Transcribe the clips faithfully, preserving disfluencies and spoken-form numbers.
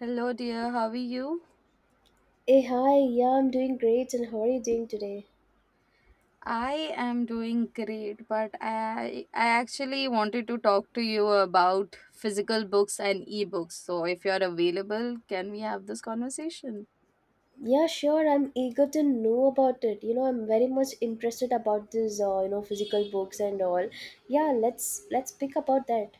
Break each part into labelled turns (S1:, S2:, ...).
S1: Hello, dear. How are you?
S2: Hey, hi, yeah, I'm doing great, and how are you doing today?
S1: I am doing great, but I I actually wanted to talk to you about physical books and ebooks. So, if you're available, can we have this conversation?
S2: Yeah, sure, I'm eager to know about it. You know, I'm very much interested about this, uh, you know, physical books and all. Yeah, let's let's pick about that.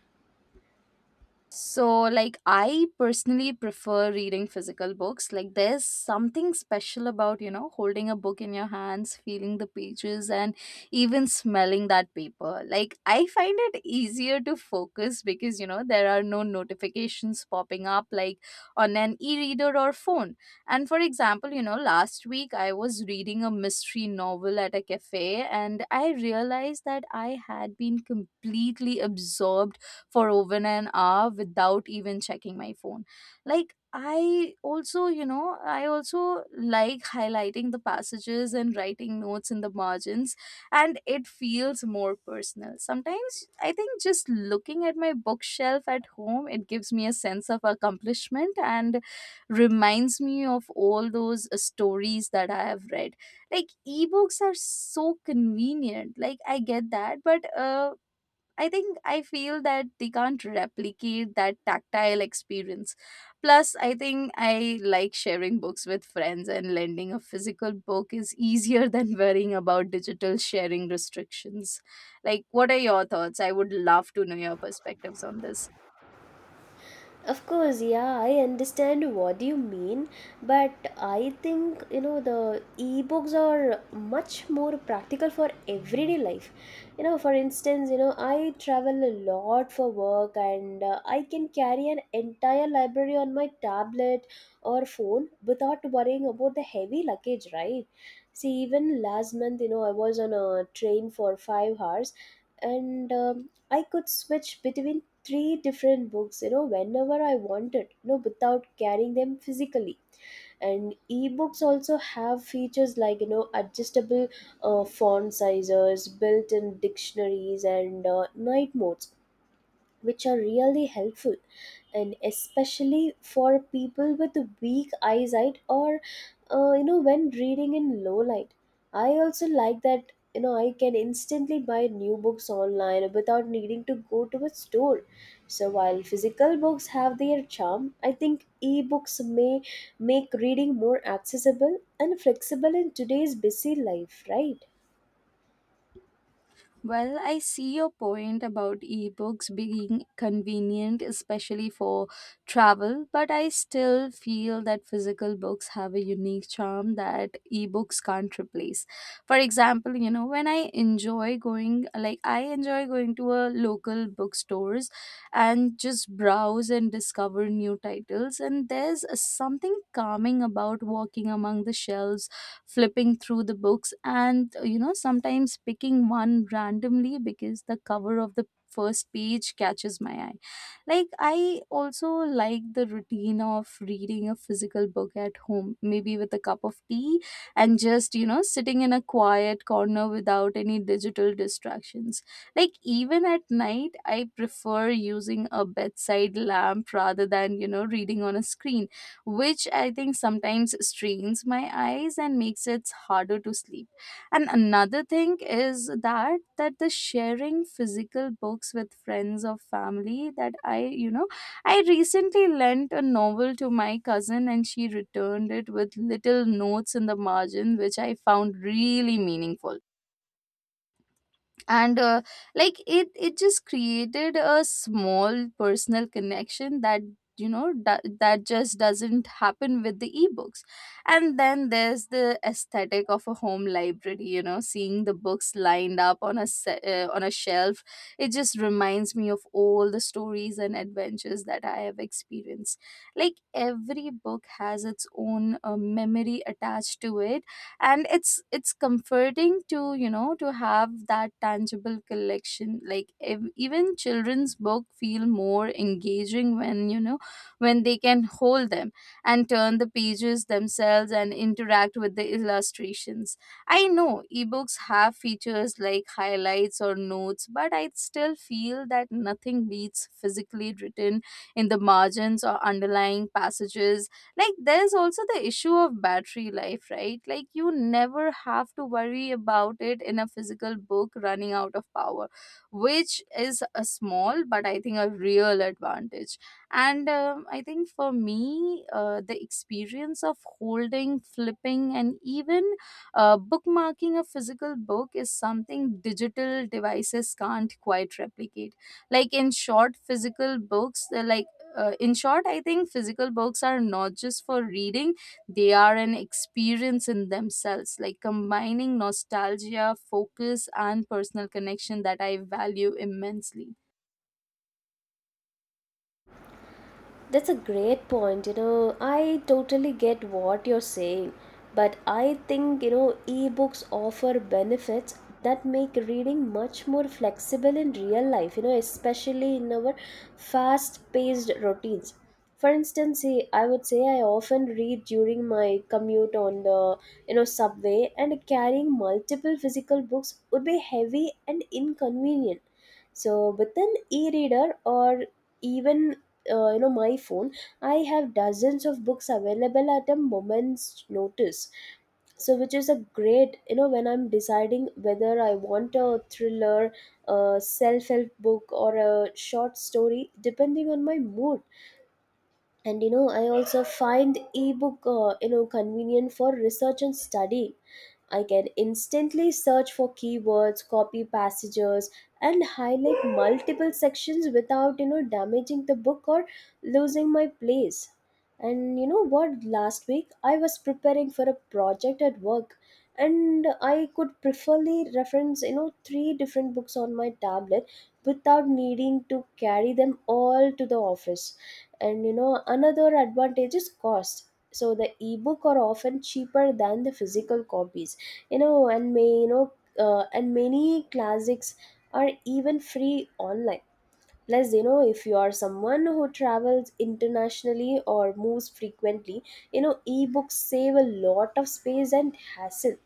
S1: So, like, I personally prefer reading physical books. Like, there's something special about, you know, holding a book in your hands, feeling the pages, and even smelling that paper. Like, I find it easier to focus because, you know, there are no notifications popping up like on an e reader or phone. And for example, you know, last week I was reading a mystery novel at a cafe and I realized that I had been completely absorbed for over an hour without even checking my phone. Like, I also, you know, I also like highlighting the passages and writing notes in the margins, and it feels more personal. Sometimes I think just looking at my bookshelf at home, it gives me a sense of accomplishment and reminds me of all those uh, stories that I have read. Like ebooks are so convenient. Like I get that, but uh, I think I feel that they can't replicate that tactile experience. Plus, I think I like sharing books with friends, and lending a physical book is easier than worrying about digital sharing restrictions. Like, what are your thoughts? I would love to know your perspectives on this.
S2: Of course, yeah, I understand what you mean, but I think you know the ebooks are much more practical for everyday life. You know, for instance, you know, I travel a lot for work and uh, I can carry an entire library on my tablet or phone without worrying about the heavy luggage, right? See, even last month, you know, I was on a train for five hours and um, I could switch between three different books, you know, whenever I wanted, you know, without carrying them physically. And ebooks also have features like, you know, adjustable uh, font sizes, built-in dictionaries, and uh, night modes, which are really helpful, and especially for people with weak eyesight or uh, you know, when reading in low light. I also like that, you know, I can instantly buy new books online without needing to go to a store. So while physical books have their charm, I think ebooks may make reading more accessible and flexible in today's busy life, right?
S1: Well, I see your point about ebooks being convenient, especially for travel, but I still feel that physical books have a unique charm that ebooks can't replace. For example, you know, when I enjoy going, like, I enjoy going to a local bookstores and just browse and discover new titles, and there's something calming about walking among the shelves flipping through the books, and you know, sometimes picking one randomly because the cover of the first page catches my eye. Like i also like the routine of reading a physical book at home, maybe with a cup of tea, and just, you know, sitting in a quiet corner without any digital distractions. Like, even at night I prefer using a bedside lamp rather than, you know, reading on a screen, which I think sometimes strains my eyes and makes it harder to sleep. And another thing is that that the sharing physical books with friends or family that I, you know, I recently lent a novel to my cousin and she returned it with little notes in the margin, which I found really meaningful, and uh, like it it just created a small personal connection that, you know that, that just doesn't happen with the ebooks. And then there's the aesthetic of a home library, you know, seeing the books lined up on a se- uh, on a shelf. It just reminds me of all the stories and adventures that I have experienced. Like every book has its own uh, memory attached to it, and it's it's comforting to, you know, to have that tangible collection. Like ev- even children's book feel more engaging when, you know, when they can hold them and turn the pages themselves and interact with the illustrations. I know ebooks have features like highlights or notes, but I still feel that nothing beats physically written in the margins or underlying passages. Like there's also the issue of battery life, right? Like you never have to worry about it in a physical book running out of power, which is a small but I think a real advantage. And um, I think for me, uh, the experience of holding, flipping, and even uh, bookmarking a physical book is something digital devices can't quite replicate. like in short physical books they're like uh, in short, I think physical books are not just for reading, they are an experience in themselves, like combining nostalgia, focus, and personal connection that I value immensely.
S2: That's a great point. You know, I totally get what you're saying, but I think, you know, ebooks offer benefits that make reading much more flexible in real life, you know, especially in our fast-paced routines. For instance, I I would say I often read during my commute on the, you know, subway, and carrying multiple physical books would be heavy and inconvenient. So, with an e reader or even uh, you know, my phone, I have dozens of books available at a moment's notice. So which is a great, you know, when I'm deciding whether I want a thriller, a self-help book, or a short story, depending on my mood. And you know, I also find ebook uh, you know, convenient for research and study. I can instantly search for keywords, copy passages, and highlight multiple sections without, you know, damaging the book or losing my place. And you know what? Last week I was preparing for a project at work, and I could preferably reference, you know, three different books on my tablet without needing to carry them all to the office. And you know, another advantage is cost. So the ebook are often cheaper than the physical copies, you know. And may you know uh, and many classics are even free online. Plus, you know, if you are someone who travels internationally or moves frequently, you know, ebooks save a lot of space and hassle.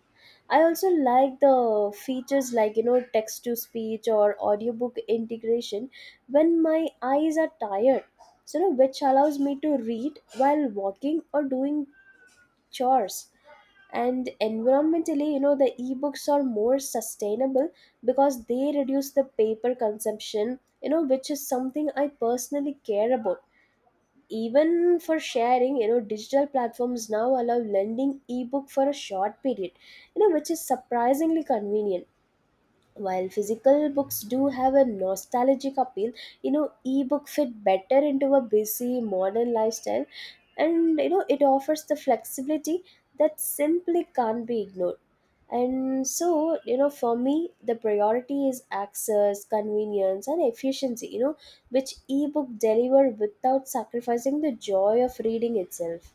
S2: I also like the features like, you know, text to speech or audiobook integration when my eyes are tired. So you know, which allows me to read while walking or doing chores. And environmentally, you know, the ebooks are more sustainable because they reduce the paper consumption, you know, which is something I personally care about. Even for sharing, you know, digital platforms now allow lending ebook for a short period, you know, which is surprisingly convenient. While physical books do have a nostalgic appeal, you know, ebook fit better into a busy modern lifestyle, and you know, it offers the flexibility that simply can't be ignored. And so you know, for me the priority is access, convenience, and efficiency, you know, which ebook deliver without sacrificing the joy of reading itself.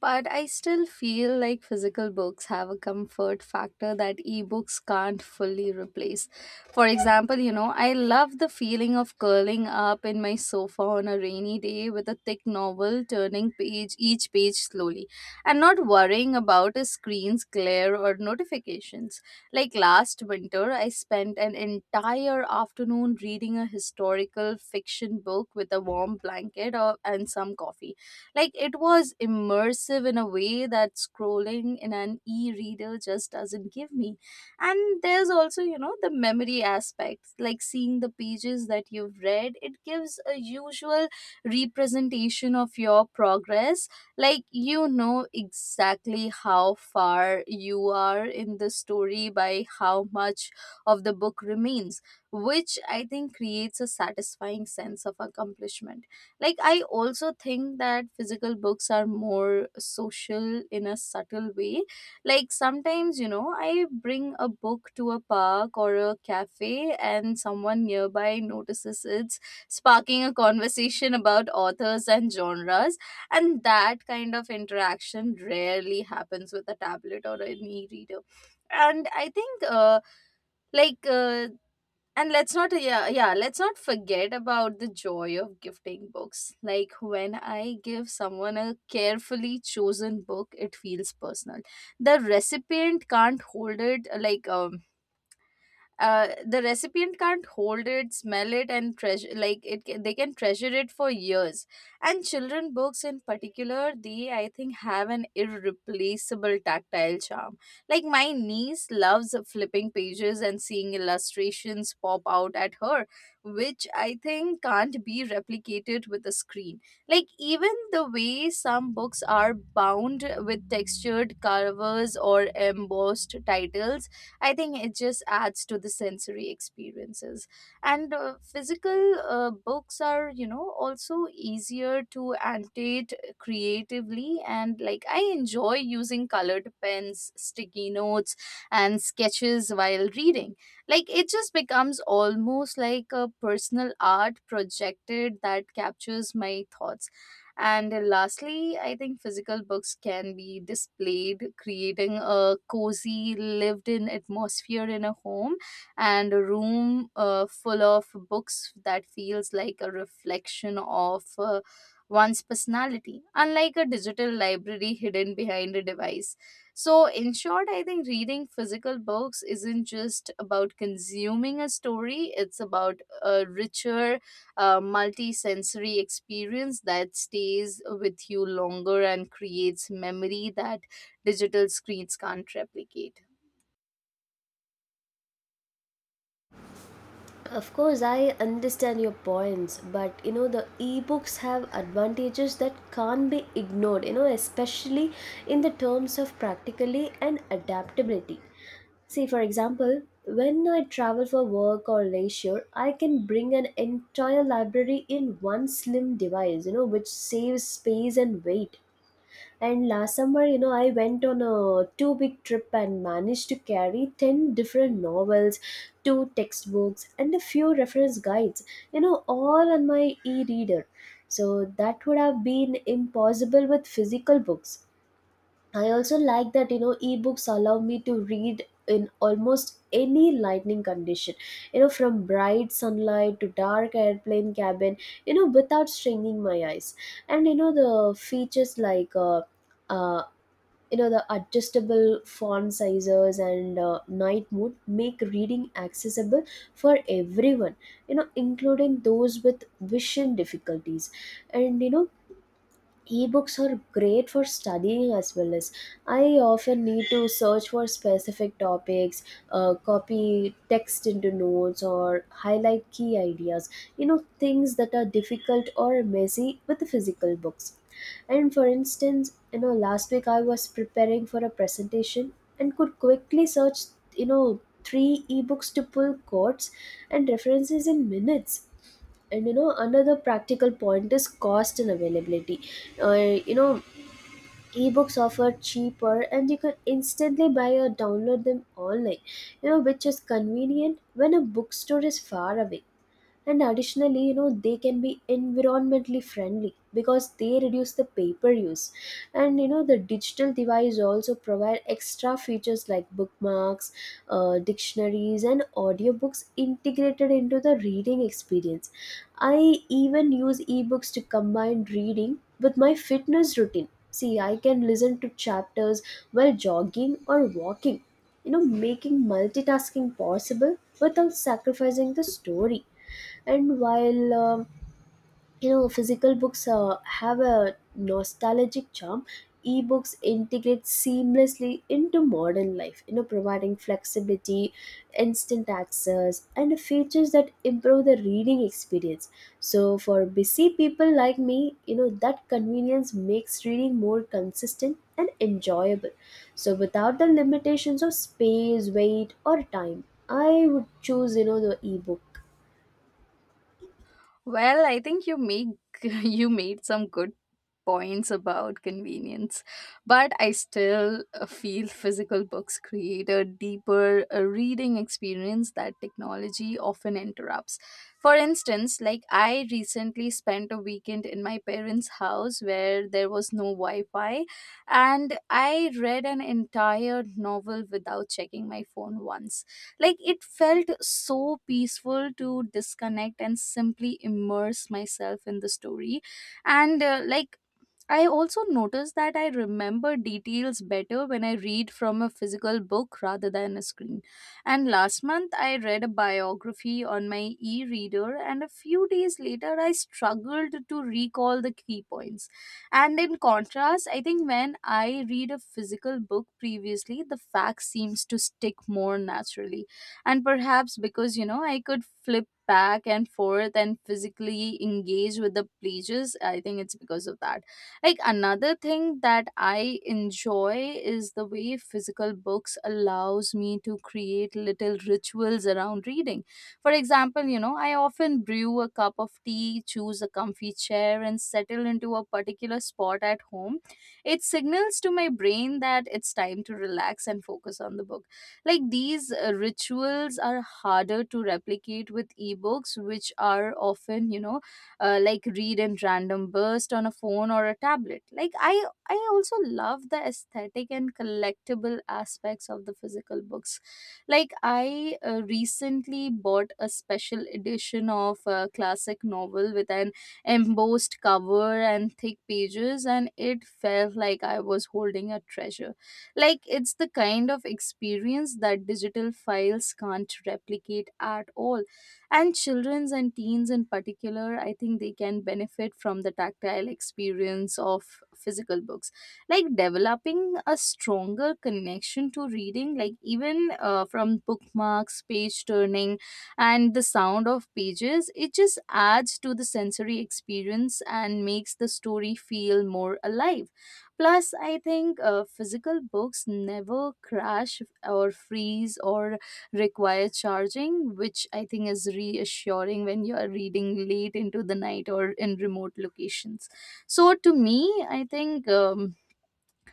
S1: But I still feel like physical books have a comfort factor that ebooks can't fully replace. For example, you know, I love the feeling of curling up in my sofa on a rainy day with a thick novel, turning page each page slowly and not worrying about a screen's glare or notifications. Like last winter, I spent an entire afternoon reading a historical fiction book with a warm blanket or, and some coffee. Like it was immersive in a way that scrolling in an e-reader just doesn't give me. And there's also, you know, the memory aspect, like seeing the pages that you've read, it gives a usual representation of your progress. Like you know exactly how far you are in the story by how much of the book remains, which I think creates a satisfying sense of accomplishment. Like, I also think that physical books are more social in a subtle way. Like, sometimes, you know, I bring a book to a park or a cafe, and someone nearby notices it's sparking a conversation about authors and genres. And that kind of interaction rarely happens with a tablet or an e reader. And I think, uh, like, uh, and let's not, yeah, yeah, let's not forget about the joy of gifting books. Like when I give someone a carefully chosen book, it feels personal. the recipient can't hold it like um uh, the recipient can't hold it, smell it, and treasure. Like it ca- they can treasure it for years. And children books in particular, they, I think, have an irreplaceable tactile charm. Like my niece loves flipping pages and seeing illustrations pop out at her, which I think can't be replicated with a screen. Like even the way some books are bound with textured covers or embossed titles, I think it just adds to the sensory experiences. And uh, physical uh, books are, you know, also easier to annotate creatively. And like I enjoy using colored pens, sticky notes, and sketches while reading. Like it just becomes almost like a personal art projected that captures my thoughts. And lastly, I think physical books can be displayed, creating a cozy, lived in atmosphere in a home, and a room uh, full of books that feels like a reflection of. Uh, one's personality, unlike a digital library hidden behind a device. So, in short, I think reading physical books isn't just about consuming a story, it's about a richer, a multi-sensory experience that stays with you longer and creates memory that digital screens can't replicate.
S2: Of course, I understand your points, but you know, the ebooks have advantages that can't be ignored, you know, especially in the terms of practically and adaptability. See, for example, when I travel for work or leisure, I can bring an entire library in one slim device, you know, which saves space and weight. And last summer, you know, I went on a two week trip and managed to carry ten different novels, two textbooks, and a few reference guides, you know, all on my e reader. So that would have been impossible with physical books. I also like that, you know, ebooks allow me to read in almost any lightning condition, you know, from bright sunlight to dark airplane cabin, you know, without straining my eyes. And you know, the features like uh, uh, you know, the adjustable font sizes and uh, night mode make reading accessible for everyone, you know, including those with vision difficulties. And you know, ebooks are great for studying as well. As I often need to search for specific topics, uh, copy text into notes or highlight key ideas, you know, things that are difficult or messy with the physical books. And for instance, you know, last week I was preparing for a presentation and could quickly search, you know, three ebooks to pull quotes and references in minutes. And you know, another practical point is cost and availability. Uh, you know, ebooks offer cheaper and you can instantly buy or download them online, you know, which is convenient when a bookstore is far away. And additionally, you know, they can be environmentally friendly because they reduce the paper use. And you know, the digital device also provide extra features like bookmarks, uh, dictionaries, and audiobooks integrated into the reading experience. I even use ebooks to combine reading with my fitness routine. See, I can listen to chapters while jogging or walking, you know, making multitasking possible without sacrificing the story. And while um, you know, physical books uh, have a nostalgic charm, ebooks integrate seamlessly into modern life, you know, providing flexibility, instant access, and features that improve the reading experience. So for busy people like me, you know, that convenience makes reading more consistent and enjoyable. So without the limitations of space, weight, or time, I would choose, you know, the ebook.
S1: Well, I think you make you made some good points about convenience, but I still uh, feel physical books create a deeper uh, reading experience that technology often interrupts. For instance, like I recently spent a weekend in my parents' house where there was no Wi-Fi, and I read an entire novel without checking my phone once. Like it felt so peaceful to disconnect and simply immerse myself in the story. And uh, like I also noticed that I remember details better when I read from a physical book rather than a screen. And last month I read a biography on my e reader, and a few days later I struggled to recall the key points. And in contrast, I think when I read a physical book previously, the facts seems to stick more naturally. And perhaps because, you know, I could flip back and forth and physically engage with the pages, I think it's because of that. Like another thing that I enjoy is the way physical books allows me to create little rituals around reading. For example, you know, I often brew a cup of tea, choose a comfy chair and settle into a particular spot at home. It signals to my brain that it's time to relax and focus on the book. Like these uh, rituals are harder to replicate with ebooks, which are often, you know, uh, like read in random burst on a phone or a tablet. Like I I also love the aesthetic and collectible aspects of the physical books. Like I uh, recently bought a special edition of a classic novel with an embossed cover and thick pages, and it felt like I was holding a treasure. Like it's the kind of experience that digital files can't replicate at all. And children's and teens in particular, I think they can benefit from the tactile experience of physical books, like developing a stronger connection to reading. Like even uh, from bookmarks, page turning, and the sound of pages, it just adds to the sensory experience and makes the story feel more alive. Plus I think uh, physical books never crash or freeze or require charging, which I think is reassuring when you are reading late into the night or in remote locations. So to me, I think. Um,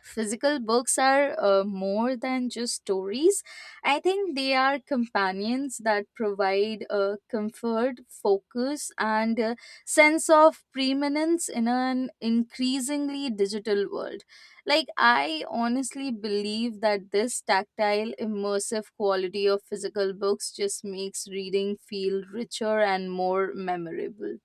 S1: physical books are uh, more than just stories. I think they are companions that provide uh, comfort, focus, and a sense of preeminence in an increasingly digital world. Like, I honestly believe that this tactile, immersive quality of physical books just makes reading feel richer and more memorable.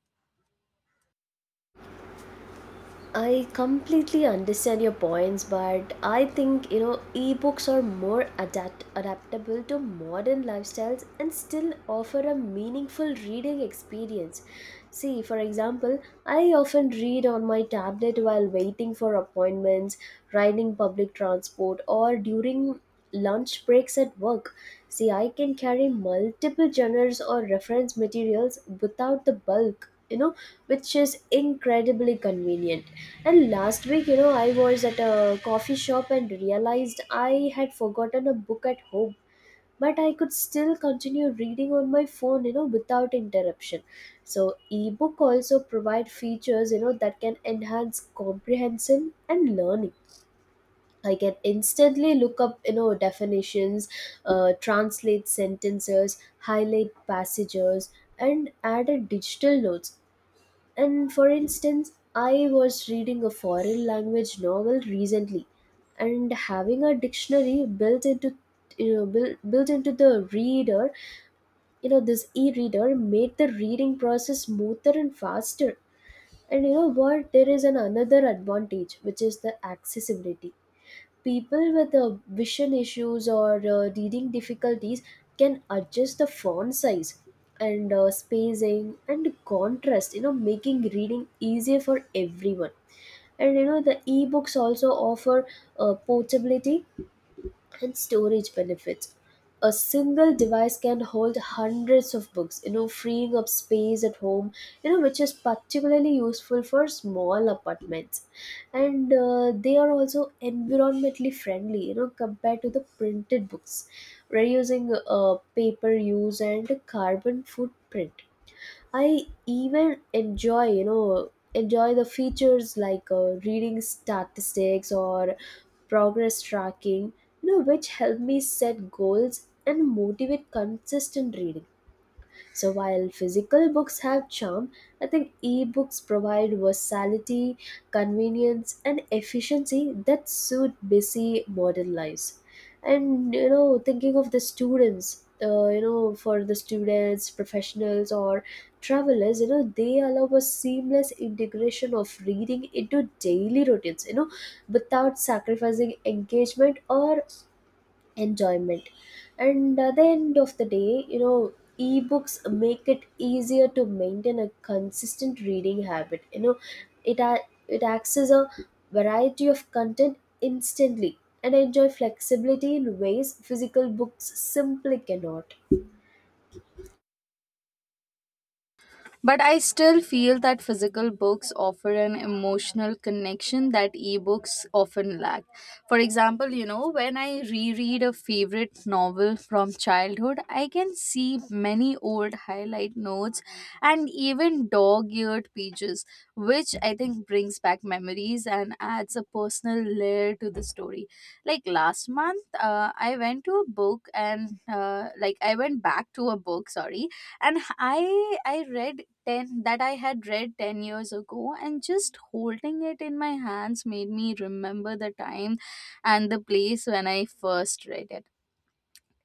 S2: I completely understand your points, but I think, you know, ebooks are more adapt- adaptable to modern lifestyles and still offer a meaningful reading experience. See, for example, I often read on my tablet while waiting for appointments, riding public transport, or during lunch breaks at work. See, I can carry multiple genres or reference materials without the bulk, you know, which is incredibly convenient. And last week, you know, I was at a coffee shop and realized I had forgotten a book at home, but I could still continue reading on my phone, you know, without interruption. So, ebook also provide features, you know, that can enhance comprehension and learning. I can instantly look up, you know, definitions, uh, translate sentences, highlight passages, and add a digital notes. And for instance, I was reading a foreign language novel recently, and having a dictionary built into you know built, built into the reader, you know, this e-reader made the reading process smoother and faster. And you know what? There is an another advantage, which is the accessibility. People with uh, vision issues or uh, reading difficulties can adjust the font size and uh, spacing and contrast, you know, making reading easier for everyone. And you know, the ebooks also offer uh, portability and storage benefits. A single device can hold hundreds of books, you know, freeing up space at home, you know, which is particularly useful for small apartments. And uh, they are also environmentally friendly, you know, compared to the printed books, reducing uh, paper use and carbon footprint. I even enjoy, you know, enjoy the features like uh, reading statistics or progress tracking, you know, which help me set goals and motivate consistent reading. So while physical books have charm, I think e-books provide versatility, convenience, and efficiency that suit busy modern lives. And you know, thinking of the students, uh, you know, for the students, professionals, or travelers, you know, they allow a seamless integration of reading into daily routines, you know, without sacrificing engagement or enjoyment. And at the end of the day, you know, ebooks make it easier to maintain a consistent reading habit, you know. It a- it acts as a variety of content instantly, and I enjoy flexibility in ways physical books simply cannot.
S1: But I still feel that physical books offer an emotional connection that ebooks often lack. For example, you know, when I reread a favorite novel from childhood, I can see many old highlight notes and even dog eared pages, which I think brings back memories and adds a personal layer to the story. Like last month, uh, I went to a book and, uh, like, I went back to a book, sorry, and I I read ten, that I had read ten years ago, and just holding it in my hands made me remember the time and the place when I first read it.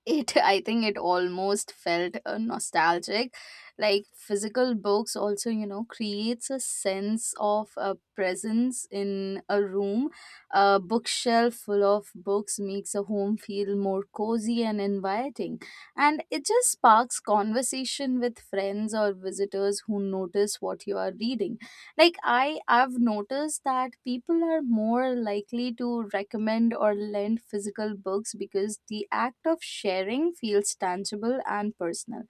S1: It I think it almost felt uh, nostalgic. Like physical books also, you know, creates a sense of uh, presence in a room. A bookshelf full of books makes a home feel more cozy and inviting, and it just sparks conversation with friends or visitors who notice what you are reading. Like i i've noticed that people are more likely to recommend or lend physical books because the act of sharing feels tangible and personal.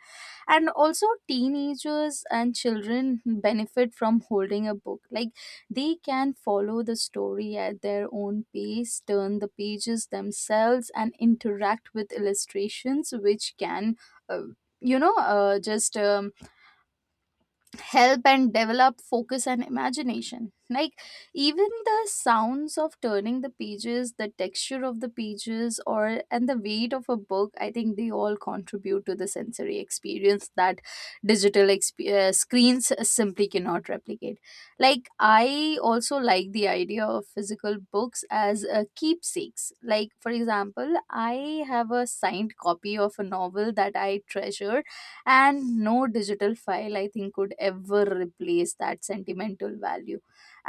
S1: And also teenagers and children benefit from holding a book. Like they can follow the story at their own pace, turn the pages themselves, and interact with illustrations, which can uh, you know uh, just um, help and develop focus and imagination. Like even the sounds of turning the pages, the texture of the pages, or and the weight of a book, I think they all contribute to the sensory experience that digital exp- uh, screens simply cannot replicate. Like I also like the idea of physical books as uh, keepsakes. Like for example, I have a signed copy of a novel that I treasure, and no digital file I think could ever replace that sentimental value.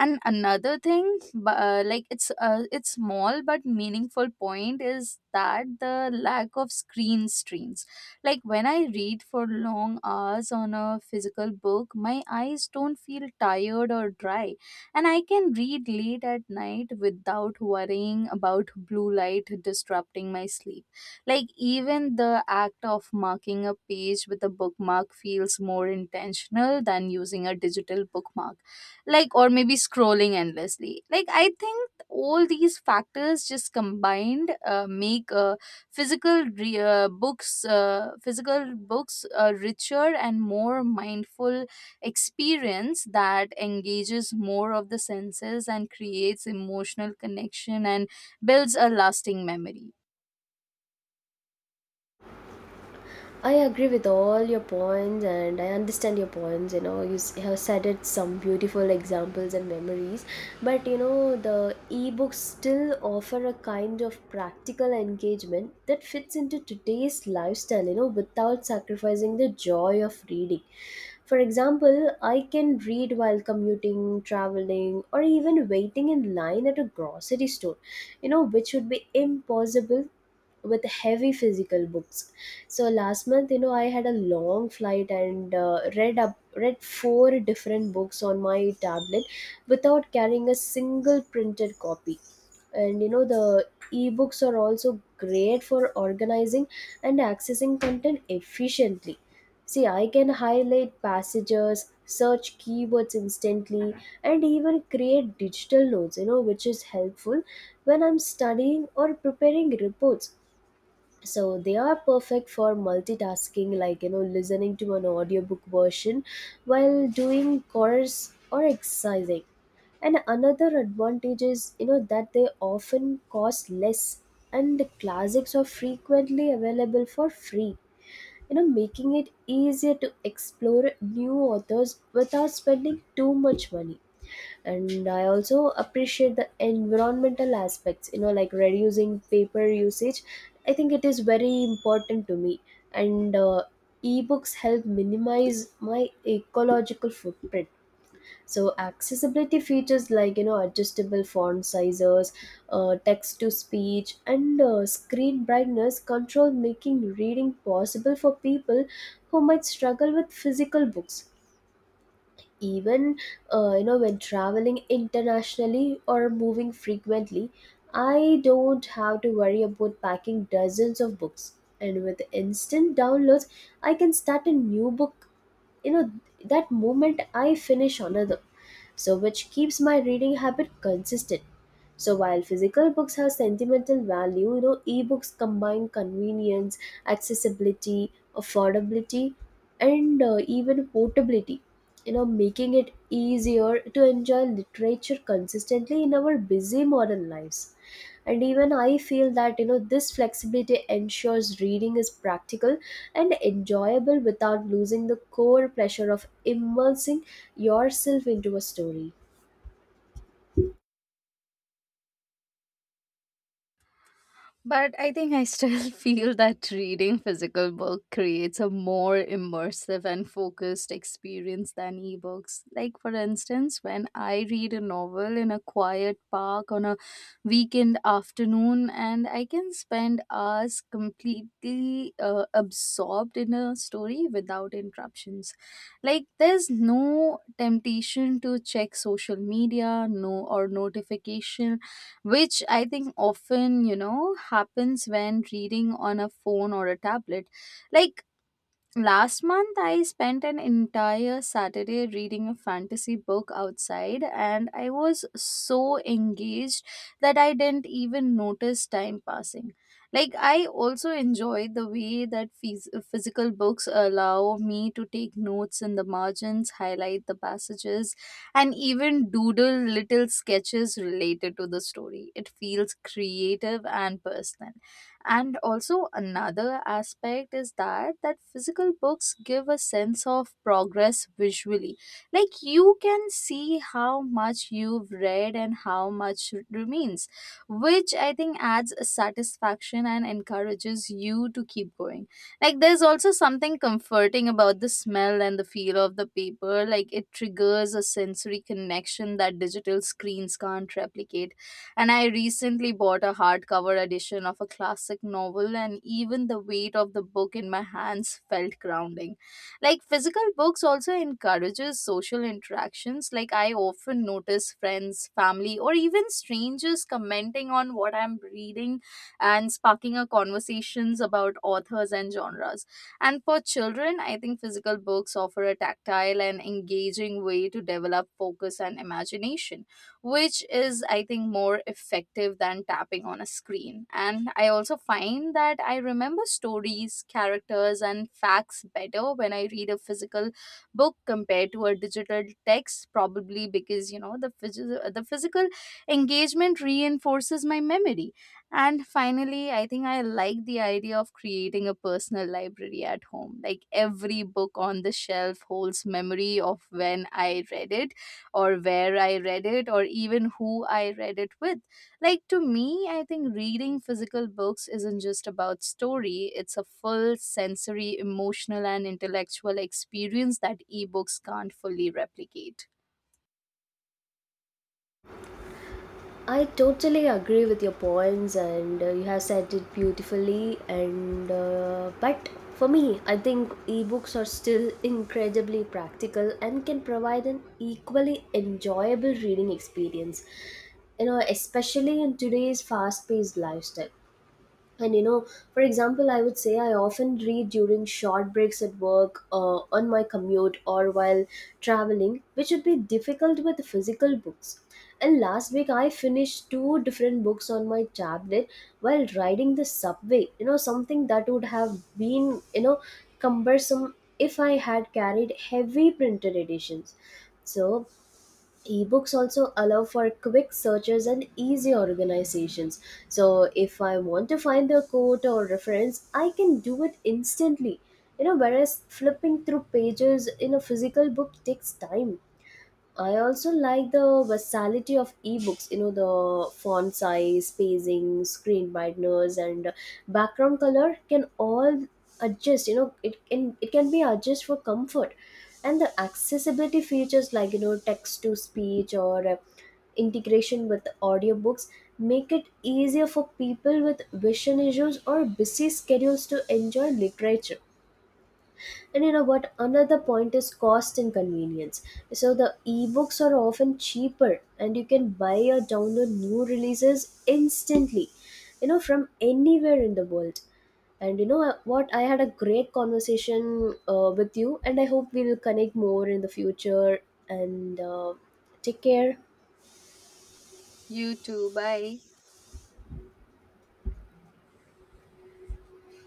S1: And another thing, bu- uh, like it's uh, it's small but meaningful point is that the lack of screen streams. Like when I read for long hours on a physical book, my eyes don't feel tired or dry, and I can read late at night without worrying about blue light disrupting my sleep. Like even the act of marking a page with a bookmark feels more intentional than using a digital bookmark, like, or maybe scrolling endlessly. Like, I think all these factors just combined uh, make uh, physical re- uh, books, uh, physical books a richer and more mindful experience that engages more of the senses and creates emotional connection and builds a lasting memory.
S2: I agree with all your points and I understand your points. You know, you s- have cited some beautiful examples and memories, but you know, the ebooks still offer a kind of practical engagement that fits into today's lifestyle, you know, without sacrificing the joy of reading. For example, I can read while commuting, traveling, or even waiting in line at a grocery store, you know, which would be impossible with heavy physical books. So last month, you know, I had a long flight and uh, read up read four different books on my tablet without carrying a single printed copy. And you know, the ebooks are also great for organizing and accessing content efficiently. See, I can highlight passages, search keywords instantly, and even create digital notes, you know, which is helpful when I'm studying or preparing reports. So they are perfect for multitasking, like, you know, listening to an audiobook version while doing chores or exercising. And another advantage is, you know, that they often cost less, and the classics are frequently available for free, you know, making it easier to explore new authors without spending too much money. And I also appreciate the environmental aspects, you know, like reducing paper usage. I think it is very important to me, and uh, ebooks help minimize my ecological footprint. So accessibility features like, you know, adjustable font sizes, uh, text to speech, and uh, screen brightness control making reading possible for people who might struggle with physical books. Even uh, you know, when traveling internationally or moving frequently, I don't have to worry about packing dozens of books. And with instant downloads, I can start a new book, you know, that moment I finish another. So which keeps my reading habit consistent. So while physical books have sentimental value, you know, ebooks combine convenience, accessibility, affordability, and uh, even portability, you know, making it easier to enjoy literature consistently in our busy modern lives. And even I feel that, you know, this flexibility ensures reading is practical and enjoyable without losing the core pleasure of immersing yourself into a story.
S1: But I think I still feel that reading physical book creates a more immersive and focused experience than ebooks. Like for instance, when I read a novel in a quiet park on a weekend afternoon, and I can spend hours completely uh, absorbed in a story without interruptions. Like there's no temptation to check social media, no or notification, which I think often, you know, happens when reading on a phone or a tablet. Like, last month, I spent an entire Saturday reading a fantasy book outside, and I was so engaged that I didn't even notice time passing. Like, I also enjoyed the way that phys- physical books allow me to take notes in the margins, highlight the passages, and even doodle little sketches related to the story. It feels creative and personal. And also another aspect is that that physical books give a sense of progress visually. Like you can see how much you've read and how much remains, which I think adds a satisfaction and encourages you to keep going. Like there's also something comforting about the smell and the feel of the paper. Like it triggers a sensory connection that digital screens can't replicate. And I recently bought a hardcover edition of a classic novel, and even the weight of the book in my hands felt grounding. Like physical books also encourages social interactions. Like I often notice friends, family, or even strangers commenting on what I'm reading and sparking a conversations about authors and genres. And for children, I think physical books offer a tactile and engaging way to develop focus and imagination, which is, I think, more effective than tapping on a screen. And I also find that I remember stories, characters, and facts better when I read a physical book compared to a digital text, probably because, you know, the phys- the physical engagement reinforces my memory. And finally, I think I like the idea of creating a personal library at home. Like every book on the shelf holds memory of when I read it or where I read it or even who I read it with. Like to me, I think reading physical books isn't just about story, it's a full sensory, emotional, and intellectual experience that ebooks can't fully replicate.
S2: I totally agree with your points, and uh, you have said it beautifully. And uh, but for me, I think ebooks are still incredibly practical and can provide an equally enjoyable reading experience, you know, especially in today's fast-paced lifestyle. And you know, for example, I would say I often read during short breaks at work, uh, on my commute, or while traveling, which would be difficult with physical books. And last week I finished two different books on my tablet while riding the subway, you know, something that would have been, you know, cumbersome if I had carried heavy printed editions. So ebooks also allow for quick searches and easy organizations. So if I want to find a quote or reference, I can do it instantly, you know, whereas flipping through pages in a physical book takes time. I also like the versatility of ebooks, you know, the font size, spacing, screen brightness, and background color can all adjust, you know, it can, it can be adjusted for comfort. And the accessibility features like, you know, text to speech or uh, integration with audiobooks make it easier for people with vision issues or busy schedules to enjoy literature. And you know what, another point is cost and convenience. So the ebooks are often cheaper, and you can buy or download new releases instantly, you know, from anywhere in the world. And you know what, I had a great conversation uh, with you, and I hope we will connect more in the future. And uh, take care.
S1: You too, bye.